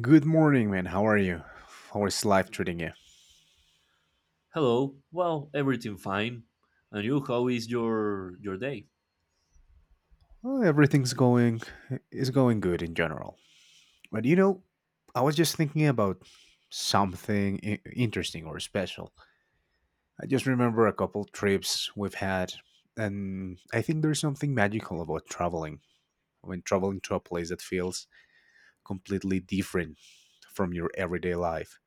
Good morning, man. How are you? How is life treating you? Hello. Well, everything fine. And you, how is your day? Well, everything's going is going good in general. But you know, I was just thinking about something interesting or special. I just remember a couple trips we've had, and I think there's something magical about traveling. When traveling to a place that feels completely different from your everyday life.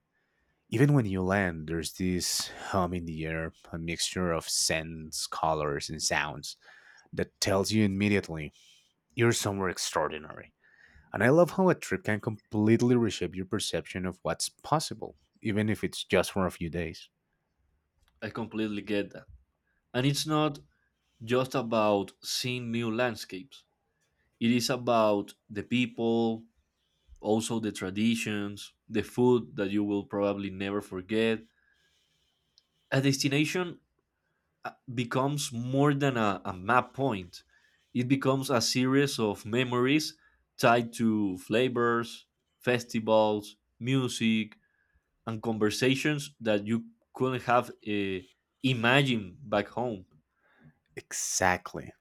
Even when you land, there's this hum in the air, a mixture of scents, colors, and sounds that tells you immediately you're somewhere extraordinary. And I love how a trip can completely reshape your perception of what's possible, even if it's just for a few days. I completely get that. And it's not just about seeing new landscapes. It is about the people, also the traditions, the food that you will probably never forget. A destination becomes more than a map point. It becomes a series of memories tied to flavors, festivals, music, and conversations that you couldn't have imagined back home. Exactly.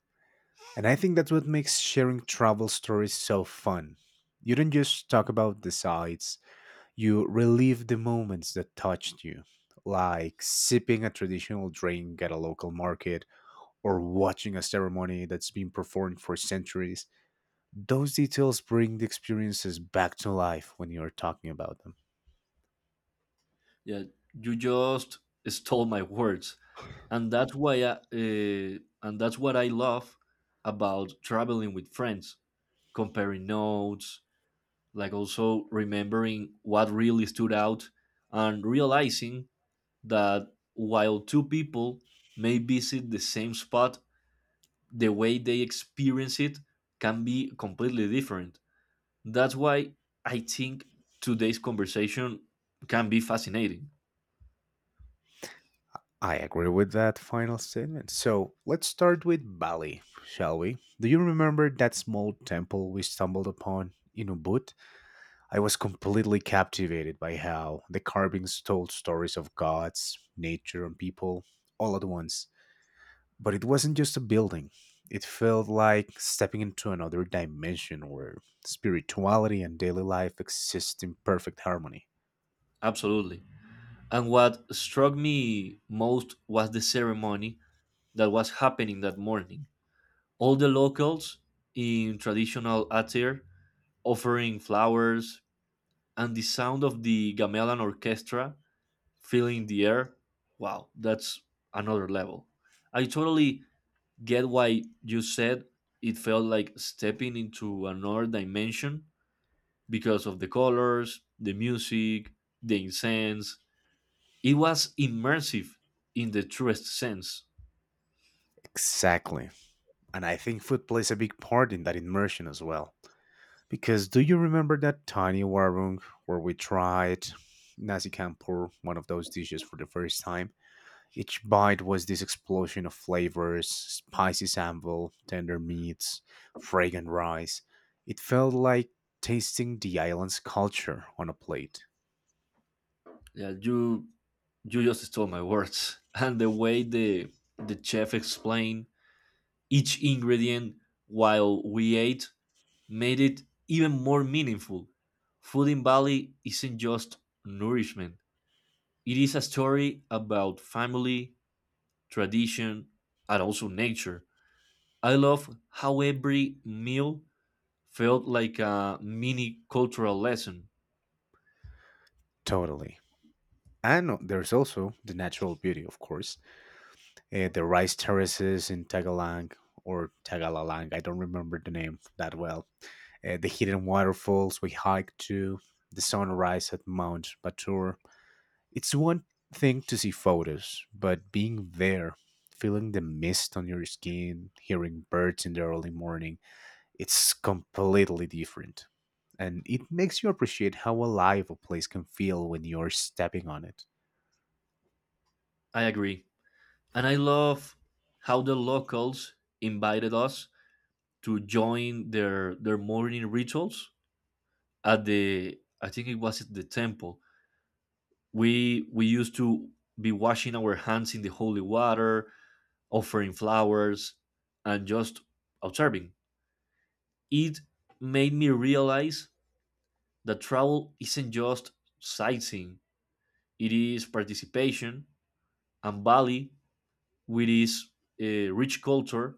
And I think that's what makes sharing travel stories so fun. You don't just talk about the sights, you relive the moments that touched you, like sipping a traditional drink at a local market or watching a ceremony that's been performed for centuries. Those details bring the experiences back to life when you're talking about them. Yeah, you just stole my words, and and that's what I love about traveling with friends, comparing notes, like also remembering what really stood out and realizing that while two people may visit the same spot, the way they experience it can be completely different. That's why I think today's conversation can be fascinating. I agree with that final statement. So let's start with Bali, shall we? Do you remember that small temple we stumbled upon in Ubud? I was completely captivated by how the carvings told stories of gods, nature, and people all at once. But it wasn't just a building, it felt like stepping into another dimension where spirituality and daily life exist in perfect harmony. Absolutely. And what struck me most was the ceremony that was happening that morning. All the locals in traditional attire offering flowers and the sound of the gamelan orchestra feeling the air, wow, that's another level. I totally get why you said it felt like stepping into another dimension because of the colors, the music, the incense. It was immersive in the truest sense. Exactly. And I think food plays a big part in that immersion as well. Because do you remember that tiny warung where we tried nasi campur, one of those dishes for the first time? Each bite was this explosion of flavors, spicy sambal, tender meats, fragrant rice. It felt like tasting the island's culture on a plate. Yeah, you just stole my words. And the way the chef explained each ingredient while we ate made it even more meaningful. Food in Bali isn't just nourishment, it is a story about family, tradition, and also nature. I love how every meal felt like a mini cultural lesson. Totally. And there's also the natural beauty, of course, the rice terraces in Tagalang or Tagalalang. I don't remember the name that well. The hidden waterfalls we hiked to, the sunrise at Mount Batur. It's one thing to see photos, but being there, feeling the mist on your skin, hearing birds in the early morning, it's completely different. And it makes you appreciate how alive a place can feel when you're stepping on it. I agree. And I love how the locals invited us to join their morning rituals at the I think it was at the temple we used to be washing our hands in the holy water offering flowers and just observing it made me realize that travel isn't just sightseeing, it is participation. And Bali with its rich culture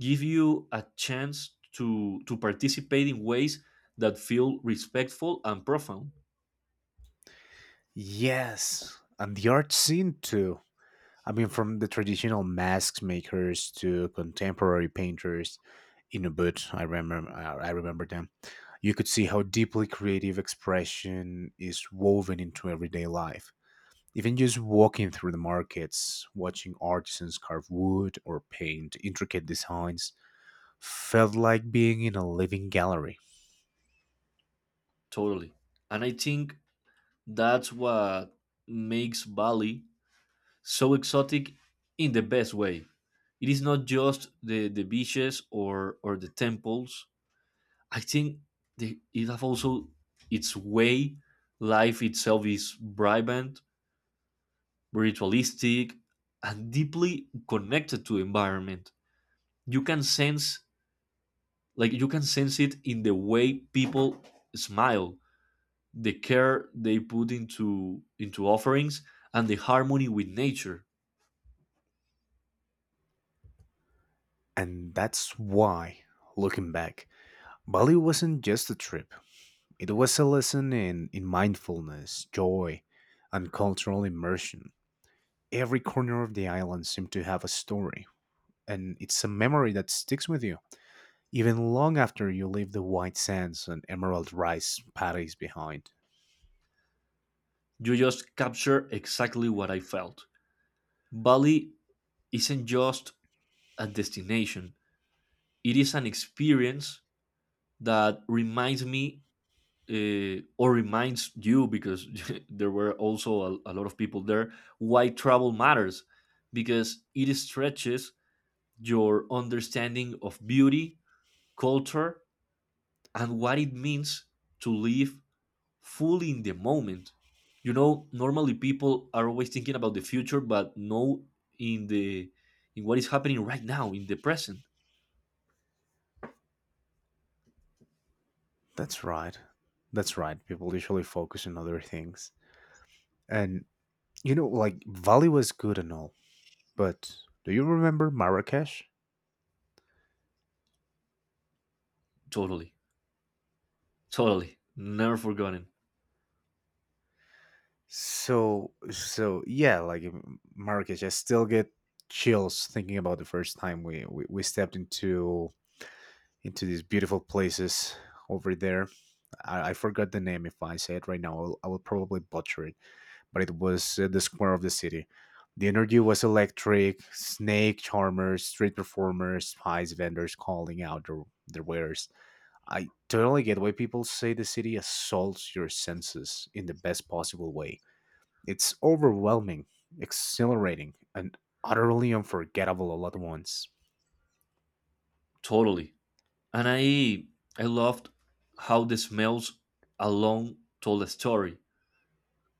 give you a chance to participate in ways that feel respectful and profound. Yes, and the art scene too. I mean, from the traditional mask makers to contemporary painters in Ubud, I remember them. You could see how deeply creative expression is woven into everyday life. Even just walking through the markets, watching artisans carve wood or paint intricate designs, felt like being in a living gallery. Totally. And I think that's what makes Bali so exotic in the best way. It is not just the beaches, or the temples. I think it have also its way. Life itself is vibrant, ritualistic, and deeply connected to environment. You can sense, like you can sense it in the way people smile, the care they put into offerings, and the harmony with nature. And that's why, looking back, Bali wasn't just a trip. It was a lesson in, mindfulness, joy, and cultural immersion. Every corner of the island seemed to have a story, and it's a memory that sticks with you, even long after you leave the white sands and emerald rice paddies behind. You just capture exactly what I felt. Bali isn't just a destination, it is an experience that reminds me, or reminds you, because there were also a lot of people there, why travel matters, because it stretches your understanding of beauty, culture, and what it means to live fully in the moment. You know, normally people are always thinking about the future, but no, in the in what is happening right now, in the present. That's right. That's right. People usually focus on other things. And, you know, like, Bali was good and all, but do you remember Marrakesh? Totally. Totally. Never forgotten. So yeah, like Marrakesh, I still get chills thinking about the first time we stepped into these beautiful places over there. I forgot the name. If I say it right now, I will probably butcher it. But it was the square of the city. The energy was electric. Snake charmers, street performers, spice vendors calling out their wares. I totally get why people say the city assaults your senses in the best possible way. It's overwhelming, exhilarating, and utterly unforgettable all at once. Totally. And I loved how the smells alone told a story.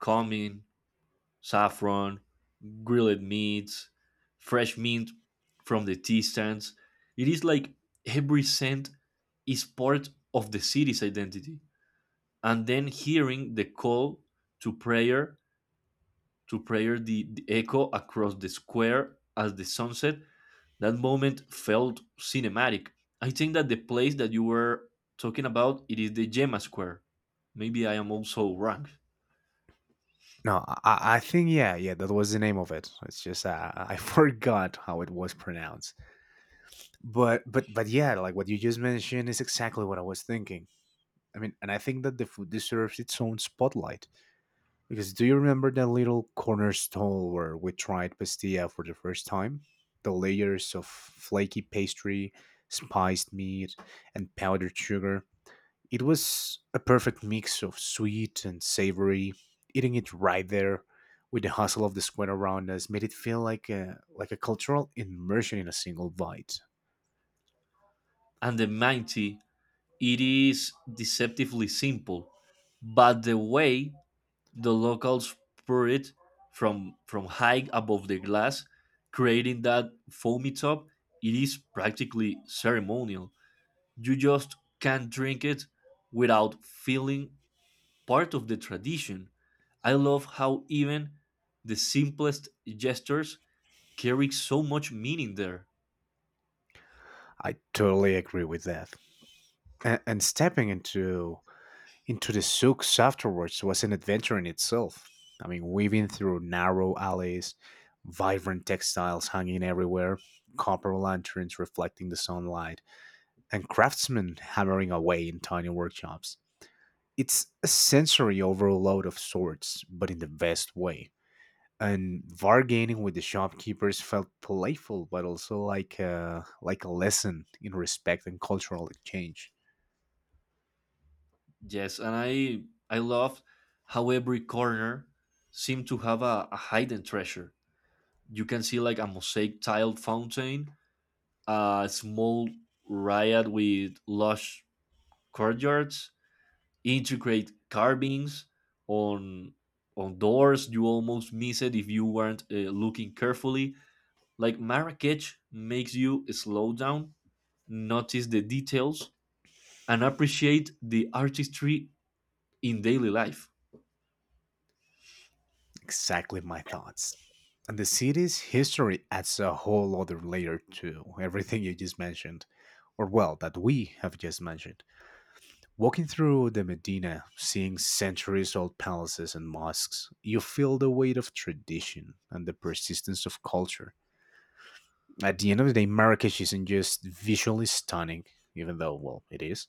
Cumin, saffron, grilled meats, fresh mint from the tea stands. It is like every scent is part of the city's identity. And then hearing the call to prayer, to prayer, the echo across the square as the sunset, that moment felt cinematic. I think that the place that you were talking about, it is the Gemma Square. Maybe I am also wrong. No, I think yeah, yeah, that was the name of it. It's just I forgot how it was pronounced. But but yeah, like what you just mentioned is exactly what I was thinking. I mean, and I think that the food deserves its own spotlight because do you remember that little corner stall where we tried pastilla for the first time? The layers of flaky pastry, spiced meat, and powdered sugar. It was a perfect mix of sweet and savory. Eating it right there with the hustle of the square around us made it feel like a cultural immersion in a single bite. And the mighty, it is deceptively simple, but the way the locals pour it from high above the glass, creating that foamy top. It is practically ceremonial. You just can't drink it without feeling part of the tradition. I love how even the simplest gestures carry so much meaning there. I totally agree with that. And stepping into the souks afterwards was an adventure in itself. I mean, weaving through narrow alleys, vibrant textiles hanging everywhere, copper lanterns reflecting the sunlight, and craftsmen hammering away in tiny workshops. It's a sensory overload of sorts, but in the best way. And bargaining with the shopkeepers felt playful, but also like a lesson in respect and cultural exchange. Yes, and I love how every corner seemed to have a hidden treasure. You can see like a mosaic tiled fountain, a small riot with lush courtyards, intricate carvings on on doors you almost miss it if you weren't looking carefully. Like Marrakech makes you slow down, notice the details, and appreciate the artistry in daily life. Exactly my thoughts. And the city's history adds a whole other layer to everything you just mentioned, or well, that we have just mentioned. Walking through the Medina, seeing centuries old palaces and mosques, you feel the weight of tradition and the persistence of culture. At the end of the day, Marrakech isn't just visually stunning, even though, well, it is,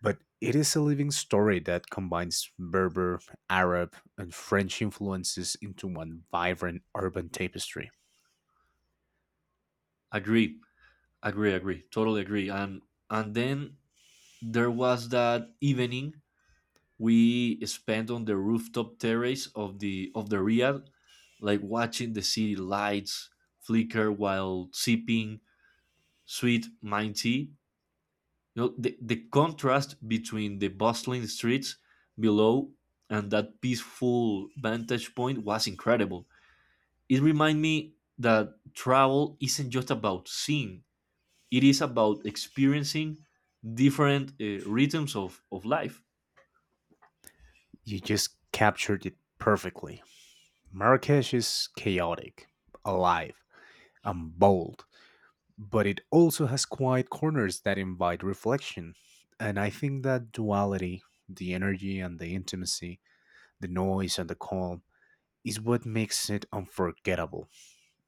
but it is a living story that combines Berber, Arab, and French influences into one vibrant urban tapestry. Agree, agree, agree, totally agree. And then there was that evening we spent on the rooftop terrace of the Riad, like watching the city lights flicker while sipping sweet mint tea. You know, the contrast between the bustling streets below and that peaceful vantage point was incredible. It reminded me that travel isn't just about seeing, it is about experiencing different rhythms of life. You just captured it perfectly. Marrakech is chaotic, alive, and bold, but it also has quiet corners that invite reflection. And I think that duality, the energy and the intimacy, the noise and the calm, is what makes it unforgettable.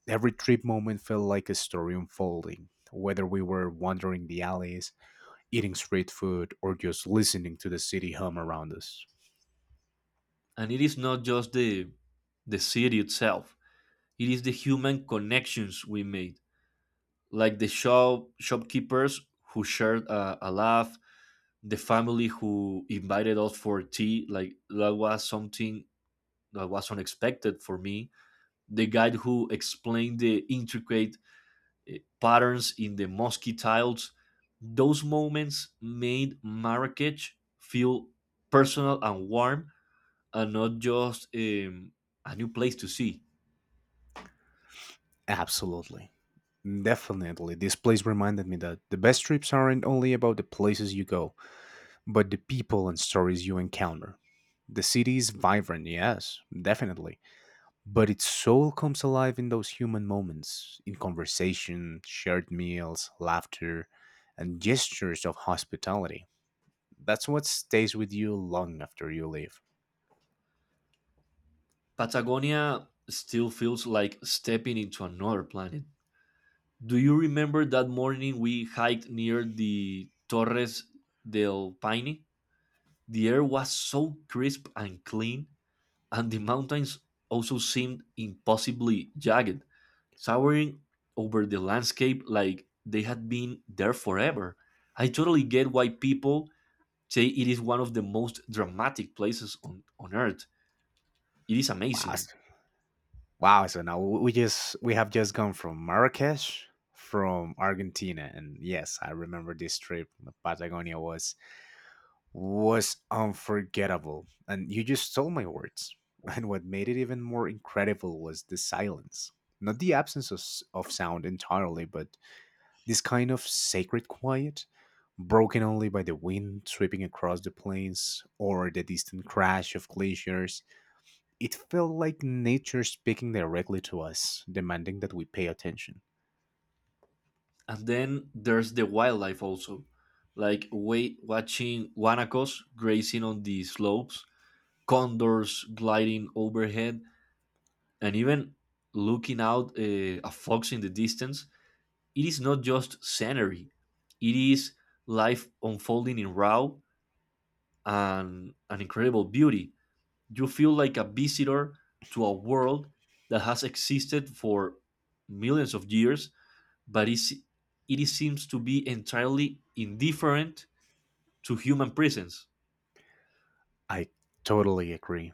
Every trip moment felt like a story unfolding, whether we were wandering the alleys, eating street food, or just listening to the city hum around us. And it is not just the city itself, it is the human connections we made, like the shopkeepers who shared a laugh, the family who invited us for tea, like that was something that was unexpected for me, the guide who explained the intricate patterns in the mosque tiles. Those moments made Marrakech feel personal and warm, and not just a new place to see. Absolutely. Definitely. This place reminded me that the best trips aren't only about the places you go, but the people and stories you encounter. The city is vibrant, yes, definitely, but its soul comes alive in those human moments, in conversation, shared meals, laughter, and gestures of hospitality. That's what stays with you long after you leave. Patagonia still feels like stepping into another planet. Do you remember that morning we hiked near the Torres del Paine? The air was so crisp and clean, and the mountains also seemed impossibly jagged, towering over the landscape like they had been there forever. I totally get why people say it is one of the most dramatic places on earth. It is Wow, amazing. s- wow! So now we have just gone from Marrakesh, from Argentina, and yes, I remember this trip. Patagonia was unforgettable. And you just stole my words. And what made it even more incredible was the silence. Not the absence of, of sound entirely, but this kind of sacred quiet, broken only by the wind sweeping across the plains or the distant crash of glaciers. It felt like nature speaking directly to us, demanding that we pay attention. And then there's the wildlife also, like wait, watching guanacos grazing on the slopes, condors gliding overhead, and even looking out a fox in the distance. It is not just scenery, it is life unfolding in raw and an incredible beauty. You feel like a visitor to a world that has existed for millions of years, but it seems to be entirely indifferent to human presence. I totally agree.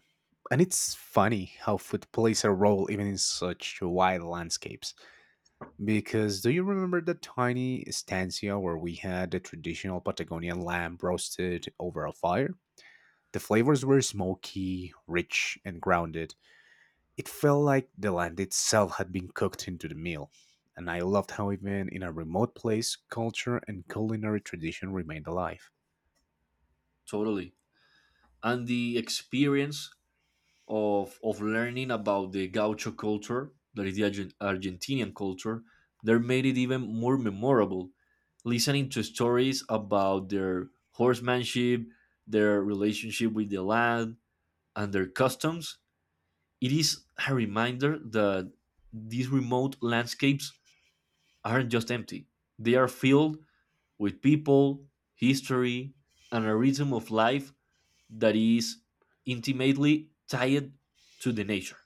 And it's funny how food plays a role even in such wild landscapes. Because do you remember the tiny estancia where we had the traditional Patagonian lamb roasted over a fire? The flavors were smoky, rich, and grounded. It felt like the land itself had been cooked into the meal. And I loved how, even in a remote place, culture and culinary tradition remained alive. Totally. And the experience of learning about the gaucho culture, that is the Argentinian culture, they made it even more memorable. Listening to stories about their horsemanship, their relationship with the land, and their customs, it is a reminder that these remote landscapes aren't just empty. They are filled with people, history, and a rhythm of life that is intimately tied to the nature.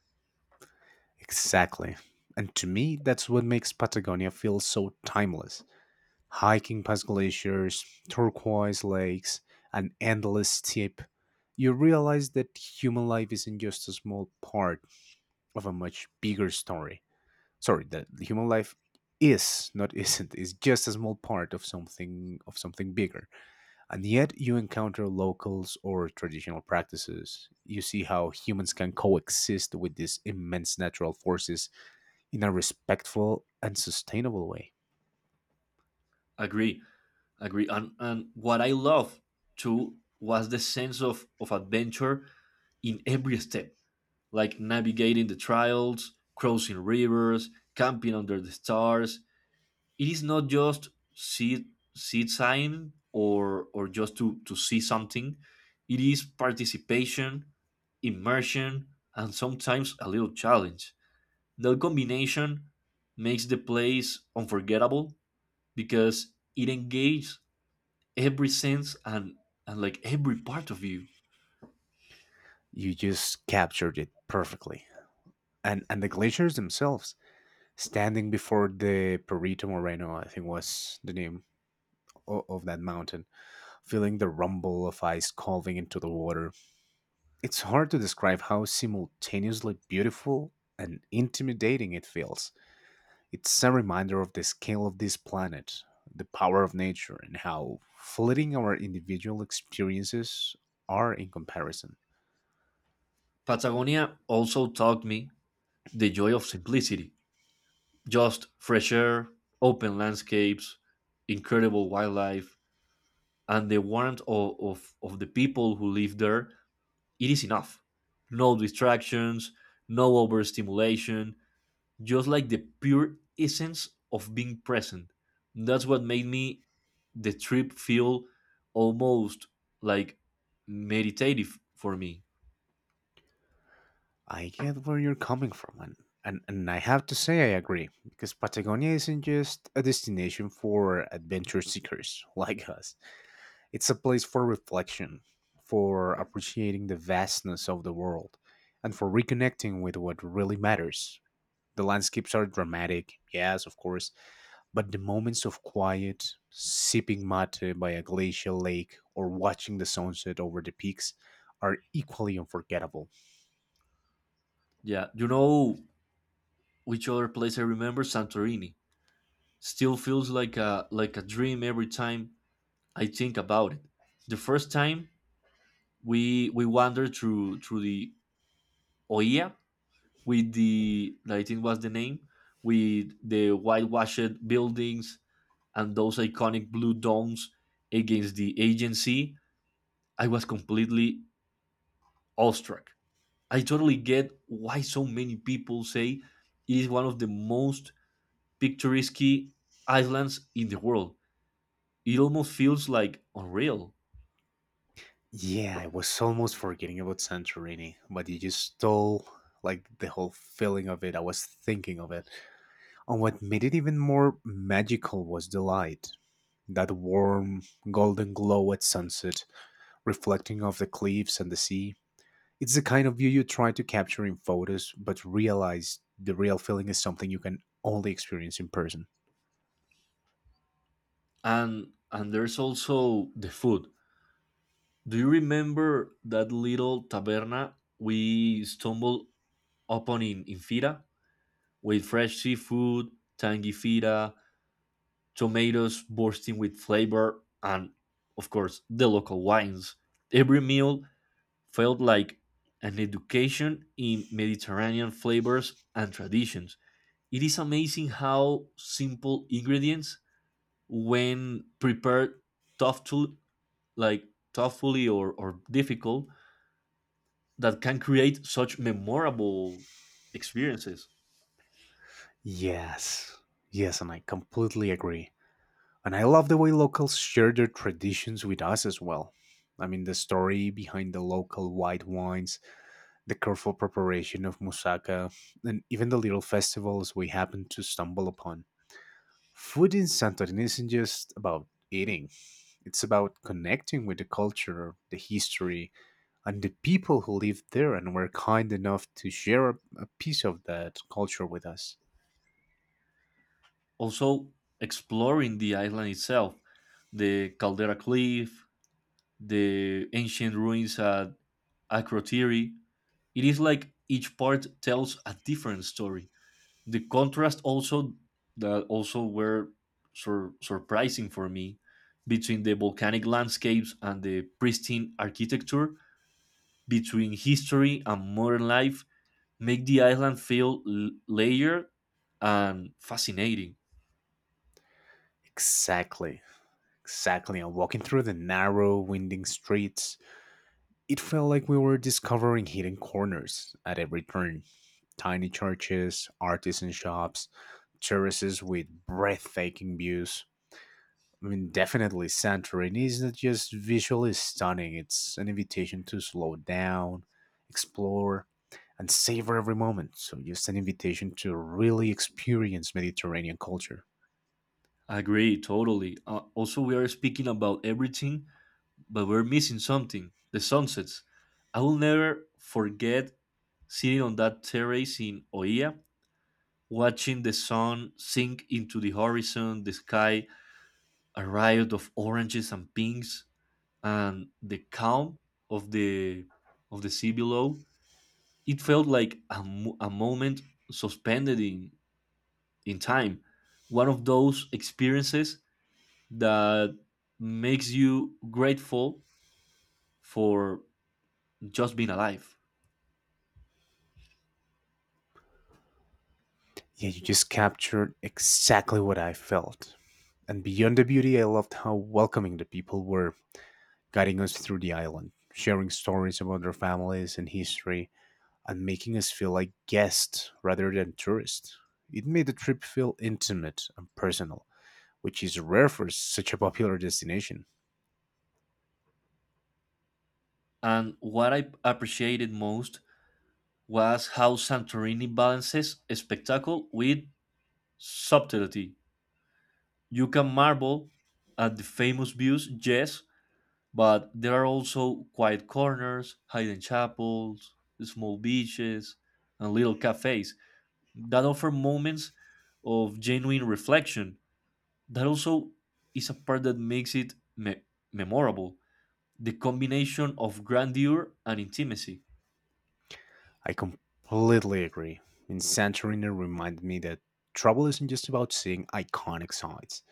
Exactly. And to me, that's what makes Patagonia feel so timeless. Hiking past glaciers, turquoise lakes, an endless steep, you realize that human life isn't just a small part of a much bigger story. Sorry, that human life is not isn't is just a small part of something bigger. And yet you encounter locals or traditional practices. You see how humans can coexist with these immense natural forces in a respectful and sustainable way. Agree, agree. And what I love too was the sense of adventure in every step, like navigating the trails, crossing rivers, camping under the stars. It is not just see sightseeing or just to see something. It is participation, immersion, and sometimes a little challenge. That combination makes the place unforgettable because it engages every sense, and like every part of you. You just captured it perfectly. And the glaciers themselves, standing before the Perito Moreno, I think was the name of that mountain, feeling the rumble of ice calving into the water. It's hard to describe how simultaneously beautiful and intimidating it feels. It's a reminder of the scale of this planet, the power of nature, and how fleeting our individual experiences are in comparison. Patagonia also taught me the joy of simplicity. Just fresh air, open landscapes, incredible wildlife, and the warmth of the people who live there, it is enough. No distractions, no overstimulation, just like the pure essence of being present. That's what made me the trip feel almost like meditative for me. I get where you're coming from, and, and I have to say I agree, because Patagonia isn't just a destination for adventure seekers like us, it's a place for reflection, for appreciating the vastness of the world, and for reconnecting with what really matters. The landscapes are dramatic, yes, of course, but the moments of quiet, sipping mate by a glacial lake, or watching the sunset over the peaks are equally unforgettable. Yeah, you know which other place I remember, Santorini. Still feels like a dream every time I think about it. The first time we wandered through the Oia, with the I think was the name, with the whitewashed buildings and those iconic blue domes against the agency, I was completely awestruck. I totally get why so many people say it is one of the most picturesque islands in the world. It almost feels like unreal. Yeah, I was almost forgetting about Santorini, but you just stole like the whole feeling of it. I was thinking of it. And what made it even more magical was the light. That warm, golden glow at sunset, reflecting off the cliffs and the sea. It's the kind of view you try to capture in photos, but realize the real feeling is something you can only experience in person. And there's also the food. Do you remember that little taberna we stumbled upon in Fira, with fresh seafood, tangy fira, tomatoes bursting with flavor, and of course, the local wines. Every meal felt like an education in Mediterranean flavors and traditions. It is amazing how simple ingredients, when prepared thoughtful, like thoughtfully, or difficult, that can create such memorable experiences. Yes. Yes, and I completely agree. And I love the way locals share their traditions with us as well. I mean, the story behind the local white wines, the careful preparation of moussaka, and even the little festivals we happen to stumble upon. Food in Santorini isn't just about eating, it's about connecting with the culture, the history, and the people who live there and were kind enough to share a piece of that culture with us. Also, exploring the island itself, the Caldera Cliff, the ancient ruins at Akrotiri. It is like each part tells a different story. The contrast also, that also were surprising for me, between the volcanic landscapes and the pristine architecture, between history and modern life, make the island feel layered and fascinating. Exactly, exactly. And walking through the narrow, winding streets, it felt like we were discovering hidden corners at every turn, tiny churches, artisan shops, terraces with breathtaking views. I mean, definitely, Santorini is not just visually stunning, it's an invitation to slow down, explore, and savor every moment. So, just an invitation to really experience Mediterranean culture. Agree, totally. Also, we are speaking about everything but we're missing something, the sunsets. I will never forget sitting on that terrace in Oia, watching the sun sink into the horizon, the sky, a riot of oranges and pinks, and the calm of the of the sea below. It felt like a moment suspended in time. One of those experiences that makes you grateful for just being alive. Yeah, you just captured exactly what I felt. And beyond the beauty, I loved how welcoming the people were, guiding us through the island, sharing stories about their families and history, and making us feel like guests rather than tourists. It made the trip feel intimate and personal, which is rare for such a popular destination. And what I appreciated most was how Santorini balances spectacle with subtlety. You can marvel at the famous views, yes, but there are also quiet corners, hidden chapels, small beaches, and little cafes that offer moments of genuine reflection. That also is a part that makes it memorable, the combination of grandeur and intimacy. I completely agree. In Santorini it reminded me that travel isn't just about seeing iconic sites.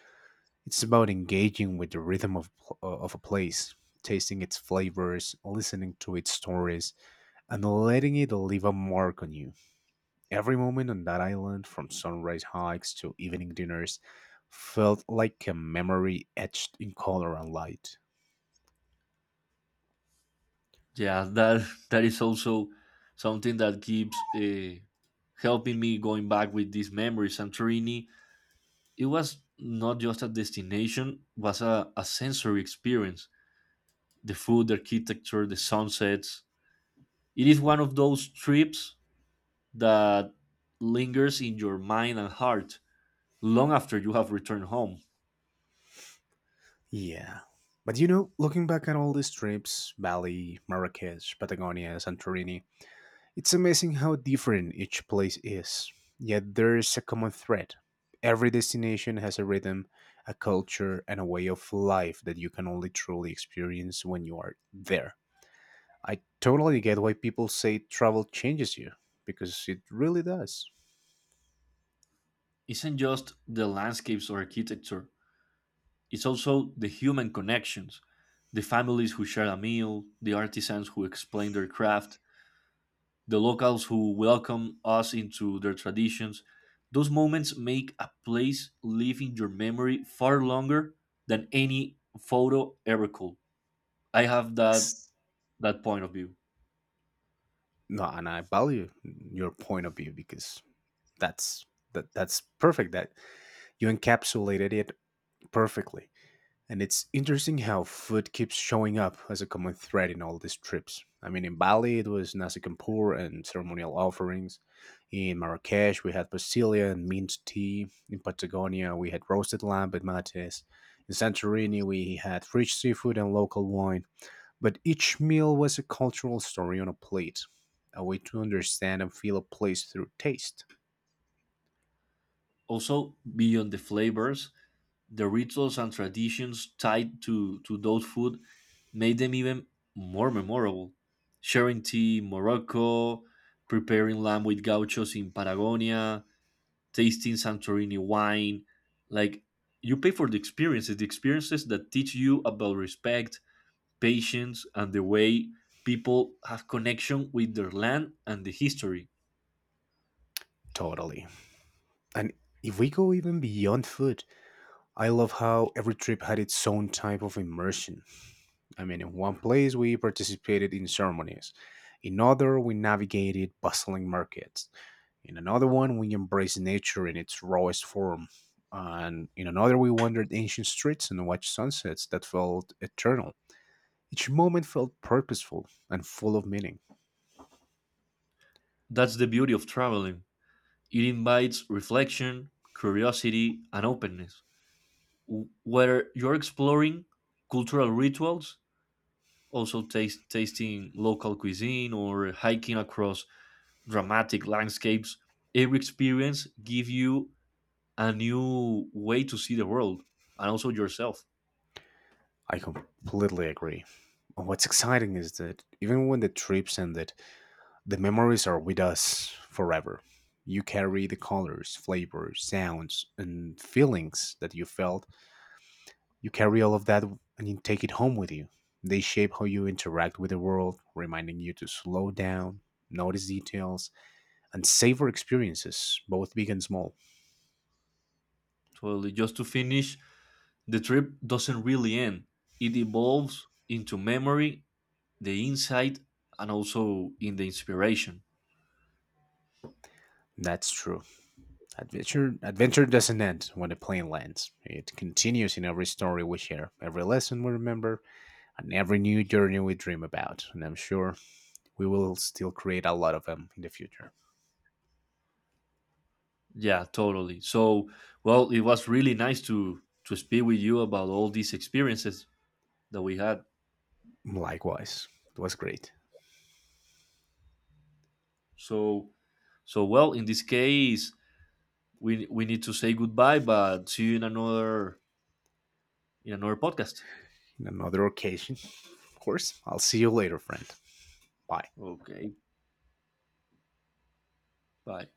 It's about engaging with the rhythm of, of a place, tasting its flavors, listening to its stories, and letting it leave a mark on you. Every moment on that island, from sunrise hikes to evening dinners, felt like a memory etched in color and light. Yeah, that that is also something that keeps helping me going back with these memories. Santorini, it was not just a destination, was a sensory experience. The food, the architecture, the sunsets. It is one of those trips that lingers in your mind and heart long after you have returned home. Yeah. But you know, looking back at all these trips, Bali, Marrakesh, Patagonia, Santorini, it's amazing how different each place is. Yet there is a common thread. Every destination has a rhythm, a culture, and a way of life that you can only truly experience when you are there. I totally get why people say travel changes you because it really does. Isn't just the landscapes or architecture. It's also the human connections, the families who share a meal, the artisans who explain their craft, the locals who welcome us into their traditions. Those moments make a place live in your memory far longer than any photo ever could. I have that Ex- that point of view. No, and I value your point of view because that's that's perfect. That you encapsulated it perfectly. And it's interesting how food keeps showing up as a common thread in all these trips. I mean, in Bali, it was nasi campur and ceremonial offerings. In Marrakesh, we had basilia and mint tea. In Patagonia, we had roasted lamb and mates. In Santorini, we had rich seafood and local wine. But each meal was a cultural story on a plate, a way to understand and feel a place through taste. Also, beyond the flavors, the rituals and traditions tied to those food made them even more memorable. Sharing tea in Morocco, preparing lamb with gauchos in Patagonia, tasting Santorini wine. Like, you pay for the experiences that teach you about respect, patience, and the way people have connection with their land and the history. Totally. And if we go even beyond food, I love how every trip had its own type of immersion. I mean, in one place we participated in ceremonies, in another we navigated bustling markets, in another one we embraced nature in its rawest form, and in another we wandered ancient streets and watched sunsets that felt eternal. Each moment felt purposeful and full of meaning. That's the beauty of traveling. It invites reflection, curiosity, and openness, where you're exploring cultural rituals, also taste tasting local cuisine or hiking across dramatic landscapes. Every experience gives you a new way to see the world and also yourself. I completely agree. And what's exciting is that even when the trips ended, the memories are with us forever. You carry the colors, flavors, sounds, and feelings that you felt. You carry all of that and you take it home with you. They shape how you interact with the world, reminding you to slow down, notice details, and savor experiences, both big and small. Totally. Just to finish, the trip doesn't really end. It evolves into memory, the insight, and also in the inspiration. That's true. Adventure doesn't end when the plane lands. It continues in every story we share, every lesson we remember, and every new journey we dream about. And I'm sure we will still create a lot of them in the future. Yeah, totally. So, well, it was really nice to speak with you about all these experiences that we had. Likewise, it was great. So, so well, in this case, we need to say goodbye, but see you in another, in another podcast. In another occasion, of course. I'll see you later, friend. Bye. Okay, bye.